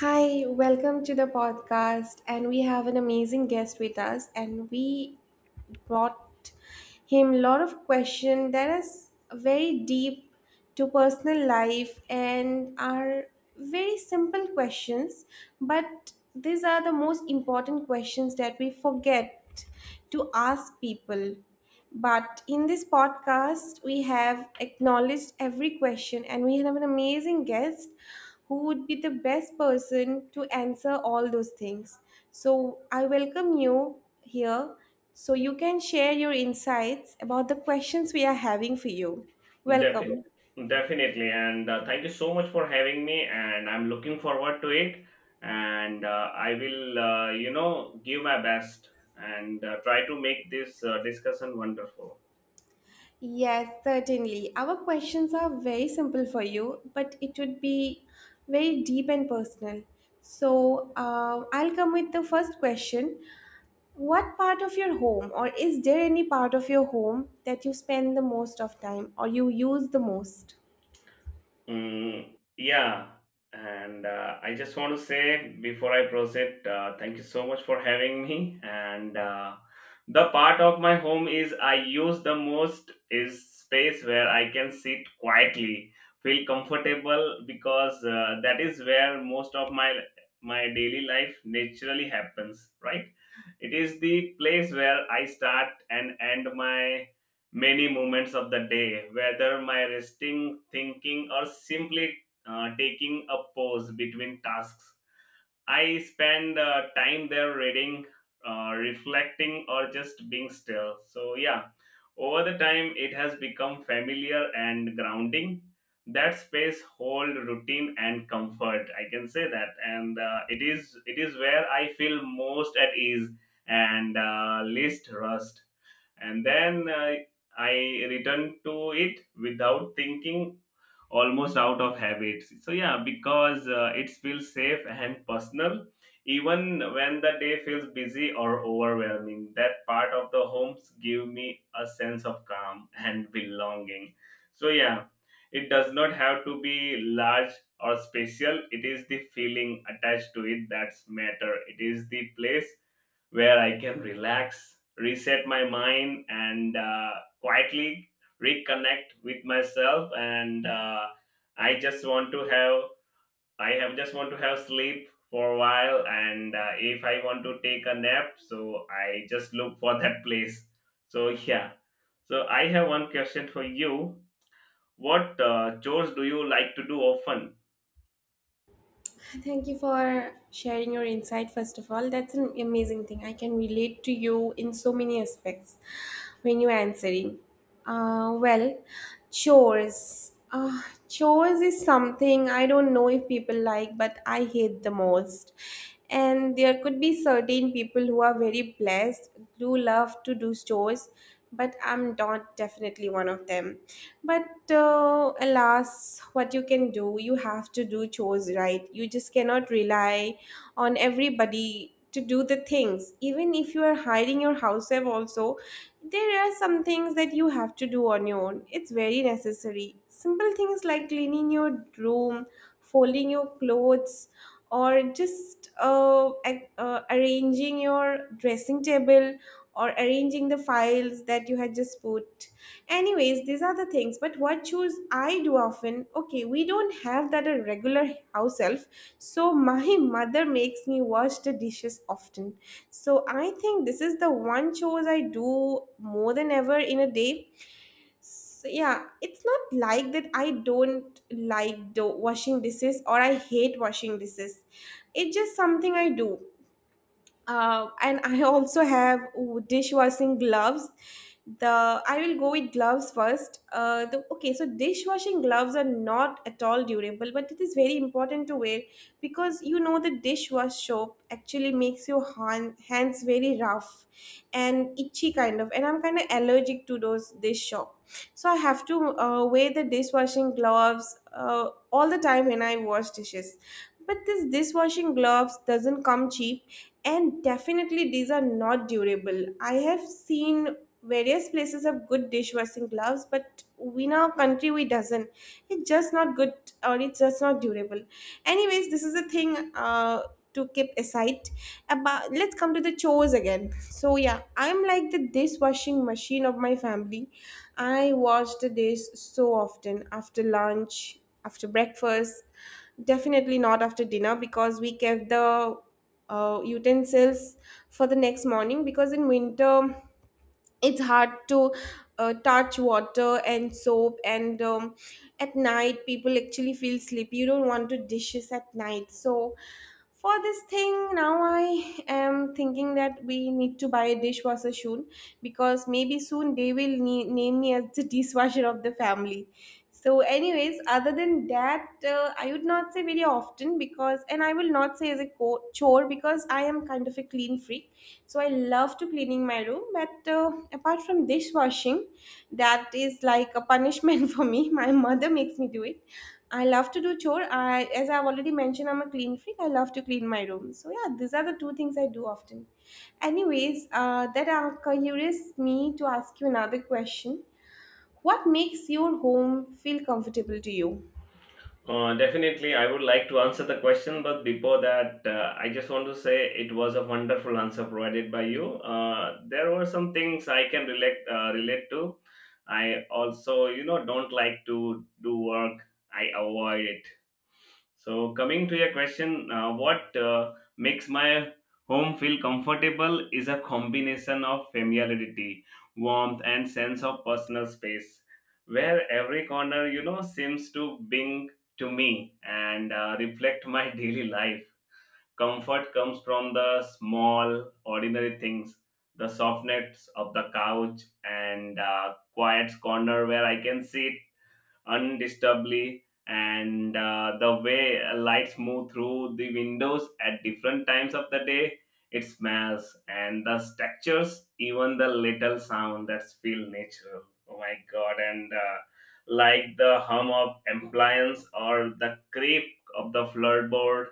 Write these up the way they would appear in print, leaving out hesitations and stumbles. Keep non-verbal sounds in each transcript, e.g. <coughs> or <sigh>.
Hi, welcome to the podcast. And we have an amazing guest with us, and we brought him a lot of questions that is very deep to personal life and are very simple questions, but these are the most important questions that we forget to ask people. But in this podcast, we have acknowledged every question and we have an amazing guest who would be the best person to answer all those things. So I welcome you here so you can share your insights about the questions we are having for you. Defi- Welcome. definitely. And Thank you so much for having me. And I'm looking forward to it. And I will, give my best and try to make this discussion wonderful. Yes, certainly. Our questions are very simple for you, but it would be very deep and personal. So, I'll come with the first question. What part of your home, or is there any part of your home that you spend the most of time or you use the most? Yeah, and I just want to say before I proceed, thank you so much for having me. And The part of my home is I use the most is space where I can sit quietly, feel comfortable because that is where most of my daily life naturally happens, right? It is the place where I start and end my many moments of the day, whether my resting, thinking, or simply taking a pause between tasks. I spend time there reading, reflecting, or just being still. So, yeah, over the time, it has become familiar and grounding. That space hold routine and comfort. I can say that, and it is where I feel most at ease and least rust and then I returned to it without thinking almost out of habit. So yeah, because it feels safe and personal even when the day feels busy or overwhelming, that part of the homes give me a sense of calm <laughs> and belonging. So yeah, it does not have to be large or special. It is the feeling attached to it that's matter. It is the place where I can relax, reset my mind, and quietly reconnect with myself. And I just want to have, I have just want to have sleep for a while. And If I want to take a nap, so I just look for that <laughs> place. So yeah. So I have one question for you. What chores do you like to do often? Thank you for sharing your insight, first of all. That's an amazing thing. I can relate to you in so many aspects when you're answering. Well, chores. Chores is something I don't know if people like, but I hate the most. And there could be certain people who are very blessed, who love to do chores, but I'm not definitely one of them. But alas, what you can do? You have to do chores, right? You just cannot rely on everybody to do the things. Even if you are hiring your house help also, there are some things that you have to do on your own. It's very necessary, simple things like cleaning your room, folding your clothes, or just arranging your dressing table or arranging the files that you had just put. Anyways, these are the things. But what chores I do often, okay, we don't have that a regular house elf. So my <laughs> mother makes me wash the dishes often. So I think this is the one chores I do more than ever in a day. So yeah, it's not like that I don't like the washing dishes or I hate washing dishes. It's just something I do. And I also have dishwashing gloves. The I will go with gloves first. Okay, so dishwashing gloves are not at all durable, but it is very important to wear, because you know the dishwash soap actually makes your hands very rough and itchy kind of, and I'm kind of allergic to those dish soap. So I have to wear the dishwashing gloves all the time when I wash dishes. But this dishwashing gloves doesn't come cheap, and definitely these are not durable. I have seen various places have good dishwashing gloves, but we in our country we doesn't, it's just not good, or it's just not durable. Anyways, this is a thing to keep aside about. Let's come to the chores again. So yeah, I'm like the dishwashing machine of my family. I wash the dish so often, after lunch, after breakfast. Definitely not after dinner, because we kept the utensils for the next morning, because in winter it's hard to touch water and soap, and at night people actually feel sleepy. You don't want to dishes at night. So for this thing now I am thinking that we need to buy a dishwasher soon, because maybe soon they will name me as the <laughs> dishwasher of the family. So, anyways, other than that, I would not say very often because, and I will not say as a chore because I am kind of a clean freak. So, I love to cleaning my room. But apart from dishwashing, that is like a punishment <laughs> for me. My mother makes me do it. I love to do chore. As I've already mentioned, I'm a clean freak. I love to clean my room. So, yeah, these are the two things I do often. Anyways, that curious me to ask you another question. What makes your home feel comfortable to you? Definitely, I would like to answer the question, but before that, I just want to say it was a wonderful answer provided by you. There were some things I can relate relate to. I also, you know, don't like to do work. I avoid it. So, coming to your question, what makes my home feel comfortable is a combination of familiarity, warmth, and sense of personal space, where every corner, you know, seems to being to me and reflect my <laughs> daily life. Comfort comes from the small, ordinary things, the softness of the couch, and quiet corner where I can sit undisturbedly, and the way lights move through the windows at different times of the day, it smells, and the textures, even the little sound that's feel natural. Oh my god! And Like the hum of appliance or the creep of the floorboards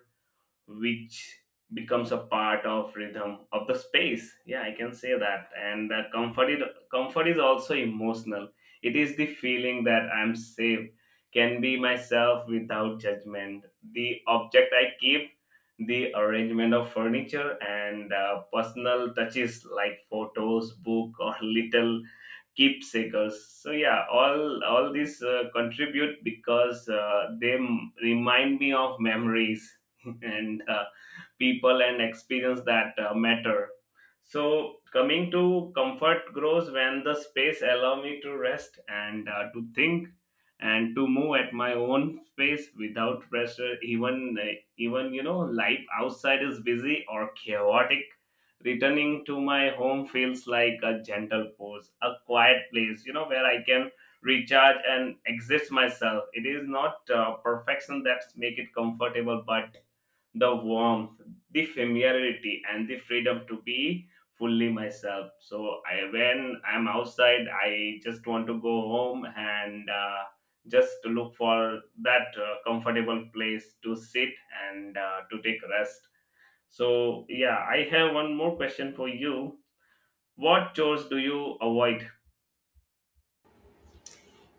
which becomes a part of rhythm of the space. Yeah, I can say that. Comfort is also emotional. It is the feeling that I'm safe, can be myself without judgment, the object I keep, the arrangement of furniture, and personal touches like photos book or <laughs> little keepsakers. So yeah, all these contribute because they remind me of memories <laughs> and people and experience that matter. So coming to comfort grows when the space allow me to rest and to think and to move at my own pace without pressure. Even you know life outside is busy or chaotic, returning to my home feels like a gentle pause, a quiet place, you know, where I can recharge and exist myself. It is not perfection that's make it comfortable but the warmth, the familiarity, and the freedom to be fully myself. So when I'm outside, I just want to go home and just to look for that comfortable place to sit and to take rest. So yeah, I have one more question for you. What chores do you avoid?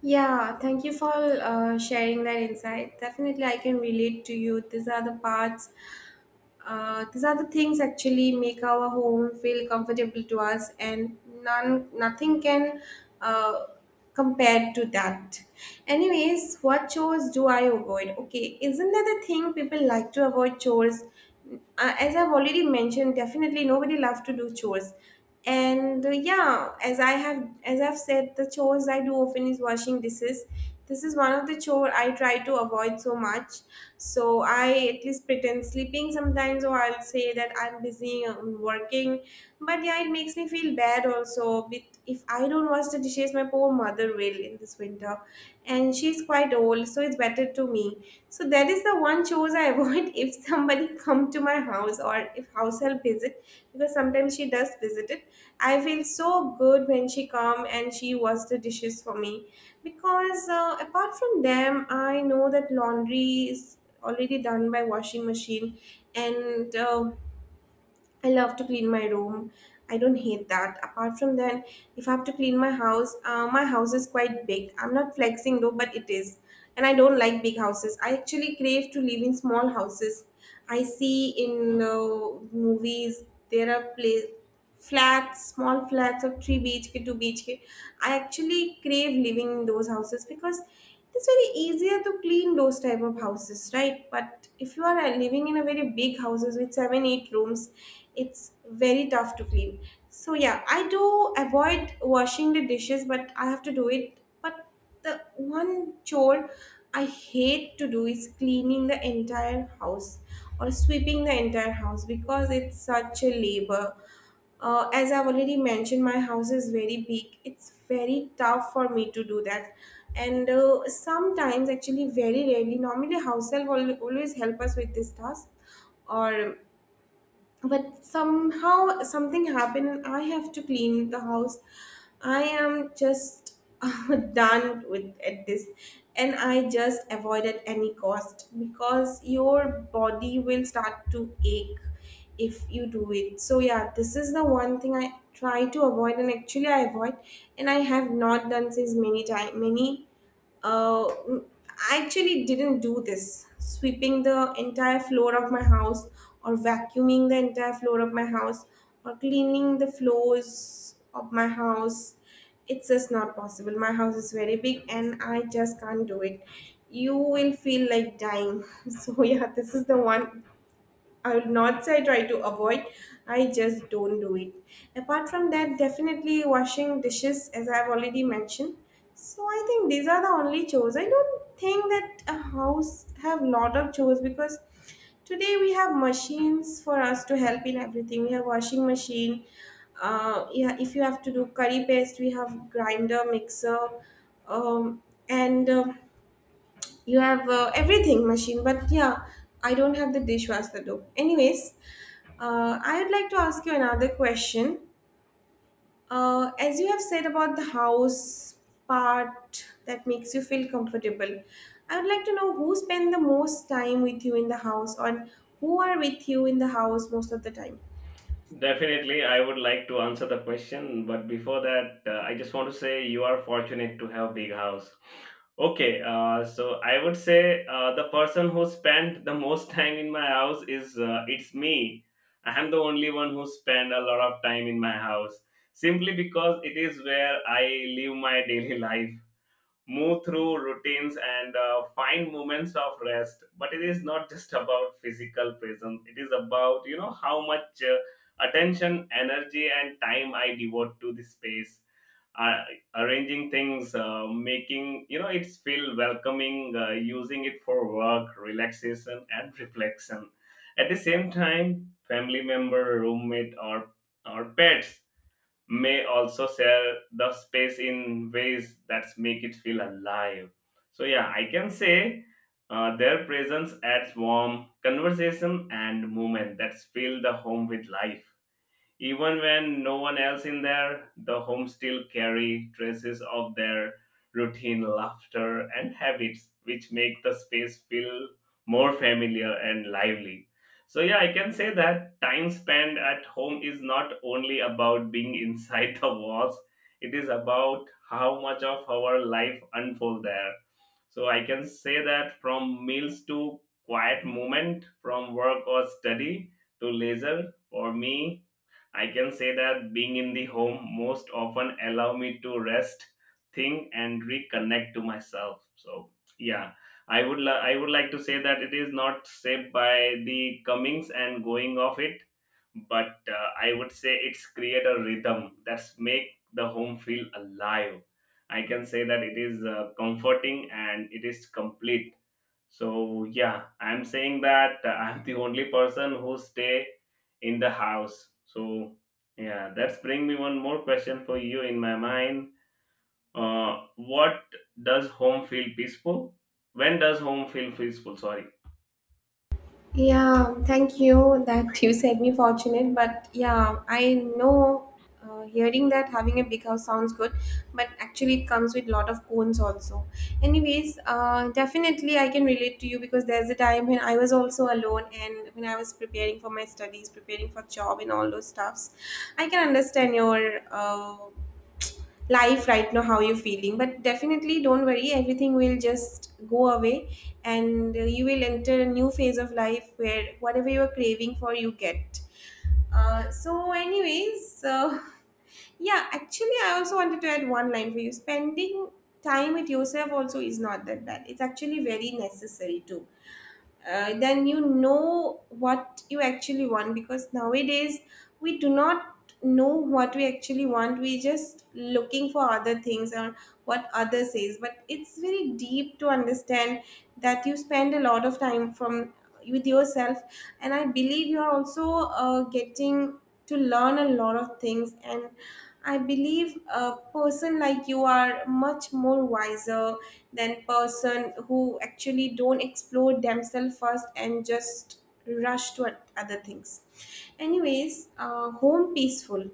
Yeah, thank you for sharing that insight. Definitely, I can relate to you. These are the parts, these are the things actually make our home feel comfortable to us, and none, nothing can uh, compare to that. Anyways, what chores do I avoid? Okay, isn't that the thing people like to avoid chores? Uh, as I've already mentioned, definitely nobody loves to do chores. And yeah, as I've said, the chores I do often is washing dishes. This is one of the chore I try to avoid so much. So I at least pretend sleeping sometimes, or I'll say that I'm busy working. But yeah, it makes me feel bad also with, if I don't wash the dishes, my poor mother will in this winter, and she's quite old, so it's better to me. So that is the one chores I avoid. <laughs> If somebody come to my house or if house help visit, because sometimes she does visit it, I feel so good when she come and she wash the dishes for me, because apart from them, I know that laundry is already done by washing machine and. I love to clean my room. I don't hate that. Apart from that, if I have to clean my house is quite big. I'm not flexing though, but it is. And I don't like big houses. I actually crave to live in small houses. I see in movies there are place flats, small flats of 3 BHK, 2 BHK. I actually crave living in those houses, because it is very easier to clean those type of houses, right? But if you are living in a very big houses with 7, 8 rooms, it's very tough to clean. So yeah, I do avoid washing the dishes, but I have to do it. But the one chore I hate to do is cleaning the entire house or sweeping the entire house, because it's such a labor. As I've already mentioned, my house is very big. It's very tough for me to do that. And sometimes, actually very rarely, normally, house help always help us with this task, or but somehow something happened and I have to clean the house, I am just <laughs> done with at this, and I just avoid at any cost, because your body will start to ache if you do it. So yeah, this is the one thing I try to avoid, and actually I avoid, and I have not done since many time, many uh, mm, I actually didn't do this. Sweeping the entire floor of my house, or vacuuming the entire floor of my house, or cleaning the floors of my house. It's just not possible. My house is very big and I just can't do it. You will feel like dying. <laughs> So, yeah, this is the one I will not say I try to avoid. I just don't do it. Apart from that, definitely washing dishes, as I've already mentioned. So I think these are the only chores. I don't think that a house have lot of chores, because today we have machines for us to help in everything. We have washing machine. Yeah, if you have to do curry paste, we have grinder, mixer, um, and. You have everything machine, but yeah, I don't have the dishwasher though. Anyways, I would like to ask you another question. As you have said about the house part that makes you feel comfortable, I would like to know who spend the most time with you in the house, or who are with you in the house most of the time. Definitely, I would like to answer the question, but before that, I just want to say you are fortunate to have big house. Okay, so I would say the person who spent the most time in my house is it's me. I am the only one who spend a lot of time in my house simply because it is where I live my daily <laughs> life, move through routines, and find moments of rest. But it is not just about physical presence. It is about, you know, how much attention, energy, and time I devote to this space, uh, arranging things, making, you know, it's feel welcoming, using it for work, relaxation, and reflection. At the same time, family member, roommate, or pets may also share the space in ways that make it feel alive. So yeah, I can say. Their presence adds warm conversation and movement that fill the home with life. Even when no one else in there, the home still carry traces of their routine laughter and habits, which make the space feel more familiar and lively. So yeah, I can say that time spent at home is not only about being inside <laughs> the walls, it is about how much of our life unfold there. So I can say that from meals to quiet moment, from work or study to leisure, for me, I can say that being in the home most often allow me to rest, think, and reconnect to myself. So yeah, I would like to say that it is not shaped by the comings and going of it, but I would say it's create a rhythm that's make the home feel alive. I can say that it is comforting and it is complete. So yeah, I'm saying that <laughs> I'm the only person who stay in the house. So yeah, that's bring me one more question for you in my mind. What does home feel peaceful? When does home feel peaceful? Sorry. Yeah, thank you that you said me fortunate, but yeah, I know, hearing that having a big house sounds good, but actually it comes with lot of cons also. Anyways, definitely I can relate to you, because there's a time when I was also alone and when I was preparing for my studies, preparing for job and all those stuffs. I can understand your life right now how you're feeling, but definitely don't worry, everything will just go away and you will enter a new phase of life where whatever you're craving for you get. So anyways, <laughs> yeah, actually I also wanted to add one line for you. Spending time with yourself also is not that bad, it's actually very necessary too. Then you know what you actually want, because nowadays we do not know what we actually want, we just looking for other things or what others says, but it's very deep to understand that you spend a lot of time from with yourself. And I believe you're also getting to learn a lot of things, and I believe a person like you are much more wiser than person who actually don't explore themselves first and just rush to other things. Anyways, home peaceful,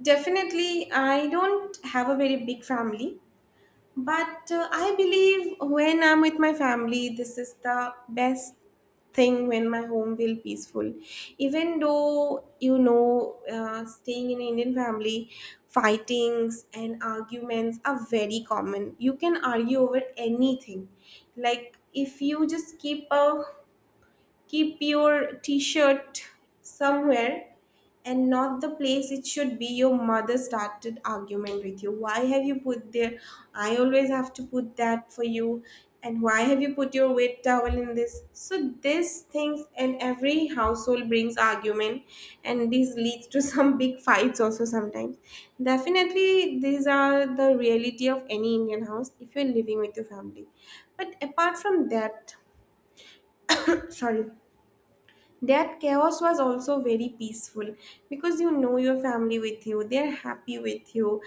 definitely. I don't have a very big family, but I believe when I'm with my family, this is the best thing, when my home will peaceful. Even though you know, staying in an Indian family, fightings and arguments are very common. You can argue over anything. Like if you just keep your t-shirt somewhere and not the place it should be, your mother started argument with you, why have you put there, I always have to put that for you, and why have you put your wet towel in this. So these things and every household brings argument, and this leads to some <laughs> big fights also sometimes. Definitely these are the reality of any Indian house if you're living with your family. But apart from that, <coughs> sorry, that chaos was also very peaceful, because you know your family with you, they're happy with you.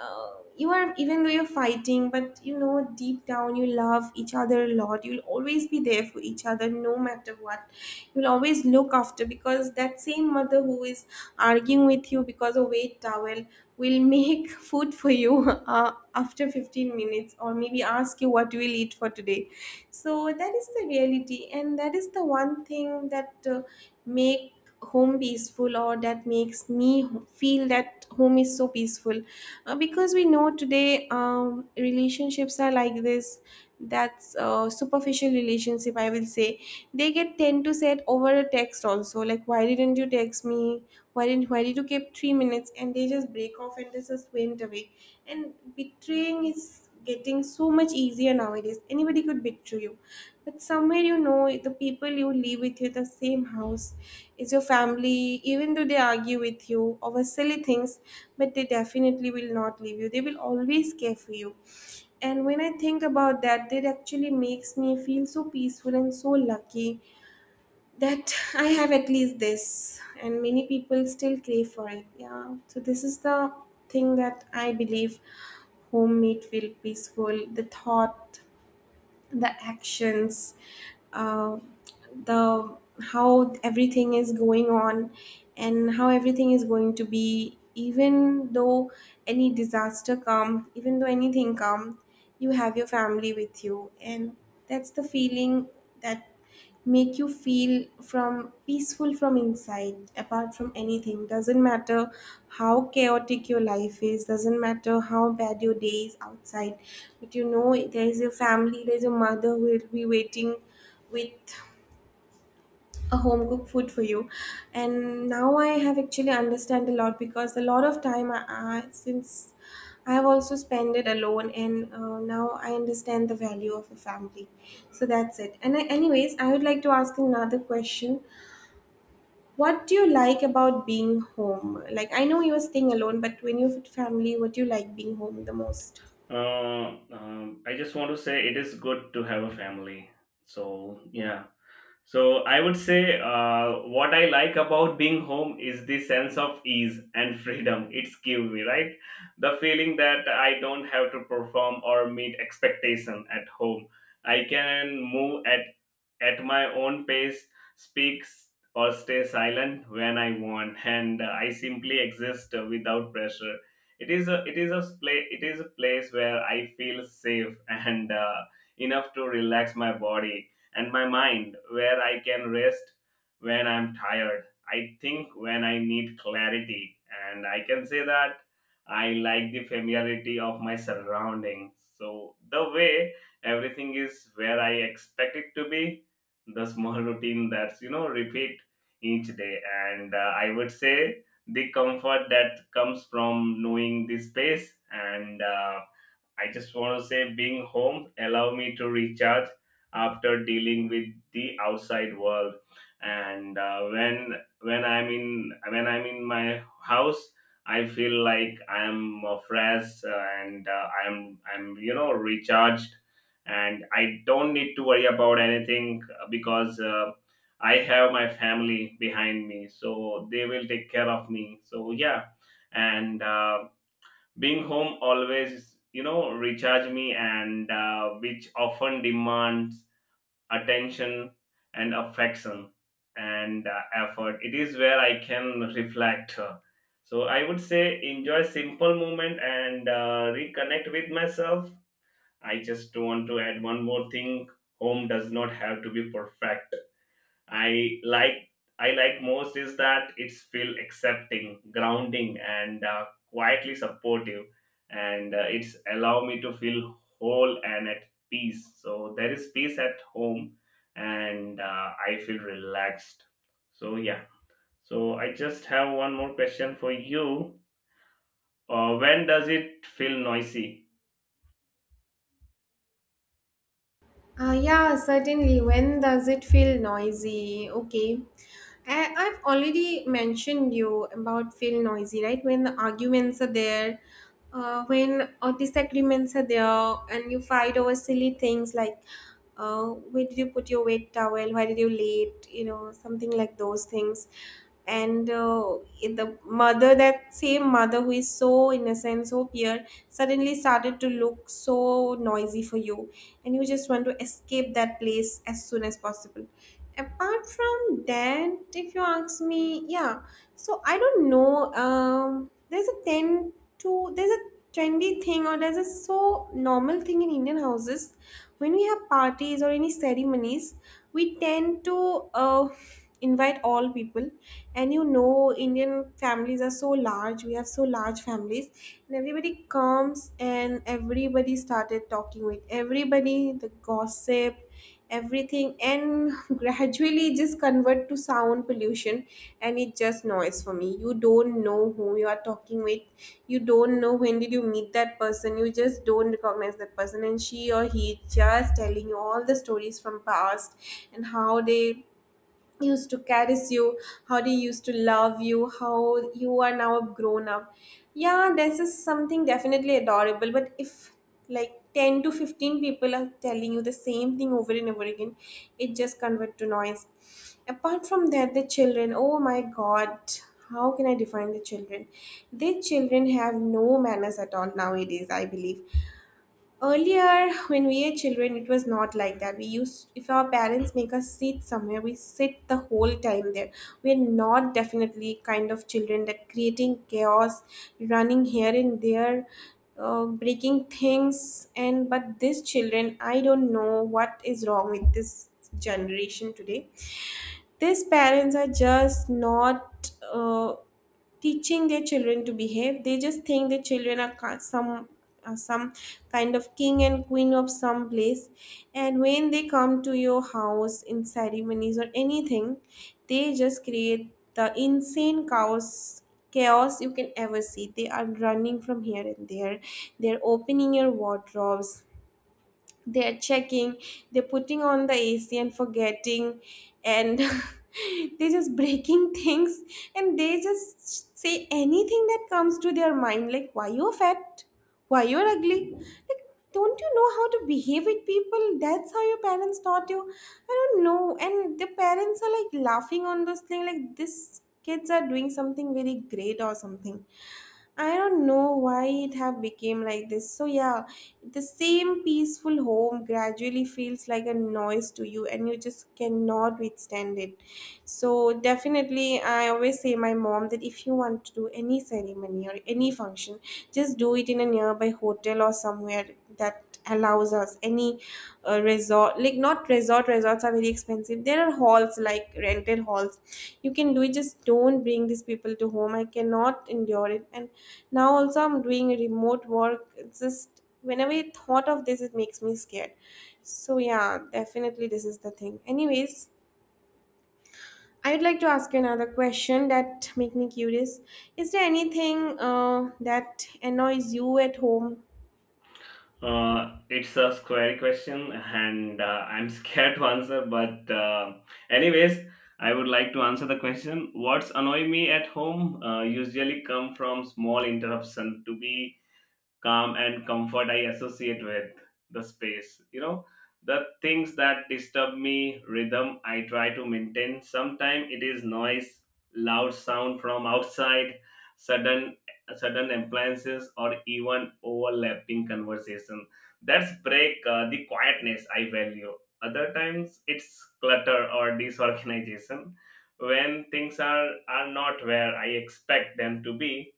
uh, you are, even though you're fighting, but you know deep down you love each other a lot, you'll always be there for each other no matter what. You'll always always look after, because that same mother who is arguing with you because of weight towel will make <laughs> food for you after 15 minutes, or maybe ask you what you will eat for today. So that is the reality, and that is the one thing that make home peaceful, or that makes me feel that home is so peaceful. Because we know today relationships are like this. That's superficial relationship I will say. They get tend to set over a text also, like why didn't you text me, why didn't why did you keep 3 minutes, and they just break off and they just went away. And betraying is getting so much easier nowadays. Anybody could betray you. But somewhere you know the people you live with you, the same house, is your family. Even though they argue with you over silly things, but they definitely will not leave you. They will always care for you. And when I think about that, that actually makes me feel so peaceful and so lucky that I have at least this, and many people still crave for it. Yeah, so this is the thing that I believe homemade feel peaceful. The thought, the actions, uh, the how everything is going on, and how everything is going to be. Even though any disaster come, even though anything come, you have your family with you, and that's the feeling that make you feel from peaceful from inside. Apart from anything, doesn't matter how chaotic your life is, doesn't matter how bad your day is outside, but you know there is your family, there's your mother who will be waiting with a home cooked food for you. And now I have actually understand a lot, because a lot of time since I have also spent it alone, and now I understand the value of a family. So that's it. And anyways, I would like to ask another question. What do you like about being home? Like I know you're staying alone, but when you're with family, what do you like being home the most? I just want to say it is good to have a family. So yeah, so I would say what I like about being home is the sense of ease and freedom <laughs> it's given me, right? The feeling that I don't have to perform or meet expectation at home. I can move at my own pace, speak s- or stay silent when I want, <laughs> and I simply exist without pressure. It is a place it is a place where I feel safe <laughs> and enough to relax my body and my mind where I can rest when I'm tired. I think when I need clarity, and I can say that I like the familiarity of my surroundings. So, the way everything is where I expect it to be, the small <laughs> routine that's, you know, repeat each day. And I would say the comfort that comes from knowing the space, and I just want to say being home allow me to recharge after dealing with the outside world, and when I'm in my house I feel like I'm fresh and I'm you know recharged and I don't need to worry about anything, because I have my family behind me, so they will take care of me. So yeah, and being home always you know recharge me and which often demands attention and affection and effort. It is where I can reflect, so I would say enjoy simple moment and reconnect with myself. I just want to add one more thing. Home does not have to be perfect. I like I like most is that it's feel accepting, grounding, and quietly supportive, and it's allow me to feel whole and at peace. So there is peace at home, and I feel relaxed. So yeah. So I just have one more question for you. When does it feel noisy? Yeah, certainly. When does it feel noisy? Okay. I've already mentioned you about feel noisy, right? When the arguments are there, when disagreements are there, and you fight over silly things like where did you put your wet towel? Why did you late? You know, something like those things. And in the mother, that same mother who is so innocent, so pure, suddenly started to look so noisy for you, and you just want to escape that place as soon as possible. Apart from that, if you ask me, yeah. So I don't know, there's a tend to there's a trendy thing, or there's a so normal thing in Indian houses. When we have parties or any ceremonies, we tend to invite all people, and you know Indian families are so large, we have so large families, and everybody comes and everybody started talking with everybody, the gossip, everything, and <laughs> gradually just convert to sound pollution. And it's just noise for me. You don't know who you are talking with, you don't know when did you meet that person, you just don't recognize that person, and she or he just telling you all the stories from past and how they used to caress you, how they used to love you, how you are now grown up. Yeah, this is something definitely adorable. But if like 10 to 15 people are telling you the same thing over and over again, it just converts to noise. Apart from that, the children, oh my god, how can I define the children? The children have no manners at all nowadays, I believe. Earlier, when we were children, it was not like that. We used, if our parents make us sit somewhere, we sit the whole time there. We are not definitely kind of children that creating chaos, running here and there, breaking things. And but these children, I don't know what is wrong with this generation today. These parents are just not teaching their children to behave. They just think their children are some kind of king and queen of some place, and when they come to your house in ceremonies or anything, they just create the insane chaos you can ever see. They are running from here and there, they're opening your wardrobes, they are checking, they're putting on the AC and forgetting, and <laughs> they're just breaking <laughs> things. And they just say anything that comes to their mind, like why you're fat, why you're ugly. Like, don't you know how to behave with people? That's how your parents taught you. I don't know. And the parents are like laughing on those thing, like this kids are doing something very great or something. I don't know why it have become like this. So yeah, the same peaceful home gradually feels like a noise to you, and you just cannot withstand it. So definitely I always say my mom that if you want to do any ceremony or any function, just do it in a nearby hotel or somewhere that allows us any resort. Like not resort resorts are very expensive. There are halls, like rented halls, you can do it. Just don't bring these people to home, I cannot endure it. And now also I'm doing remote work, it's just whenever I thought of this it makes me scared. So yeah, definitely this is the thing. Anyways, I would like to ask you another question that make me curious. Is there anything that annoys you at home? It's a scary question, and I'm <laughs> scared to answer. But anyways, I would like to answer the question. What's annoy me at home usually come from small interruption to be calm and comfort I associate with the space. You know, the things that disturb me, rhythm I try to maintain. Sometimes it is noise, loud sound from outside, sudden sudden appliances, or even overlapping conversation. That's break the quietness I value. Other times it's clutter or disorganization when things are not where I expect them to be,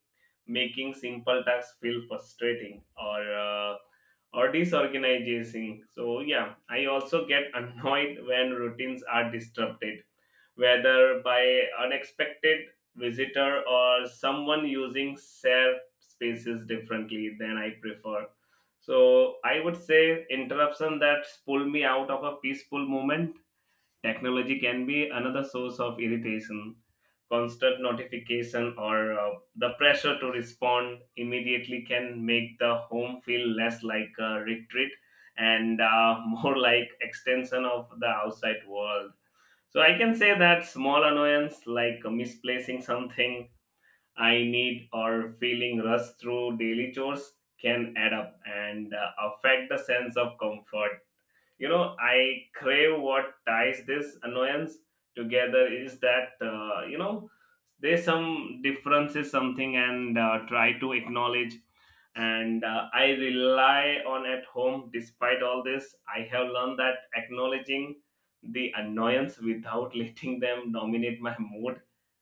making simple tasks feel frustrating or or disorganizing. So yeah, I also get <laughs> annoyed when routines are disrupted, whether by unexpected visitor or someone using shared spaces differently than I prefer. So I would say interruption that pull me out of a peaceful moment. Technology can be another source of irritation. Constant notification or the pressure to respond immediately can make the home feel less like a retreat and <laughs> more like extension of the outside world. So I can say that small annoyance like misplacing something I need or feeling rushed through daily chores can add up and affect the sense of comfort, you know, I crave. What ties this annoyance together is that, you know, there's some differences something and try to acknowledge and I rely on at home. Despite all this, I have learned that acknowledging the annoyance without <laughs> letting them dominate my mood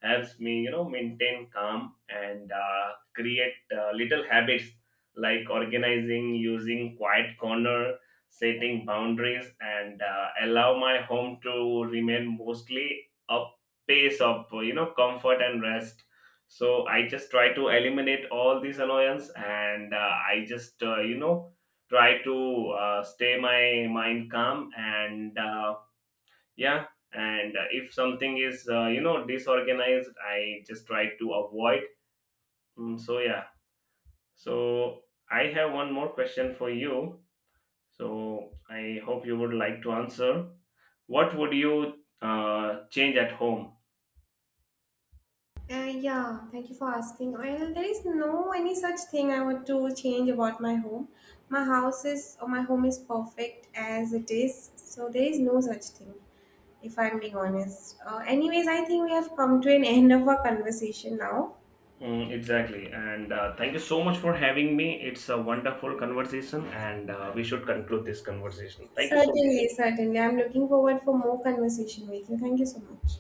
helps me, you know, maintain calm, and create little habits like organizing, using quiet corner, setting boundaries, and allow my home to remain mostly a pace of, you know, comfort and rest. So I just try to eliminate all these annoyance, and I just you know try to stay my mind calm, and yeah, and if something is you know disorganized, I just try to avoid. So yeah, so I have one more question for you, so I hope you would like to answer. What would you change at home? Yeah, thank you for asking. Well, there is no any such thing I want to change about my home. My house is, or my home is perfect as it is, so there is no such thing. If I'm being honest. Anyways, I think we have come to an end of our conversation now. Exactly. And Thank you so much for having me. It's a wonderful conversation, and we should conclude this conversation. Thank you so much. Certainly, certainly. I'm looking forward for more conversation with you. Thank you so much.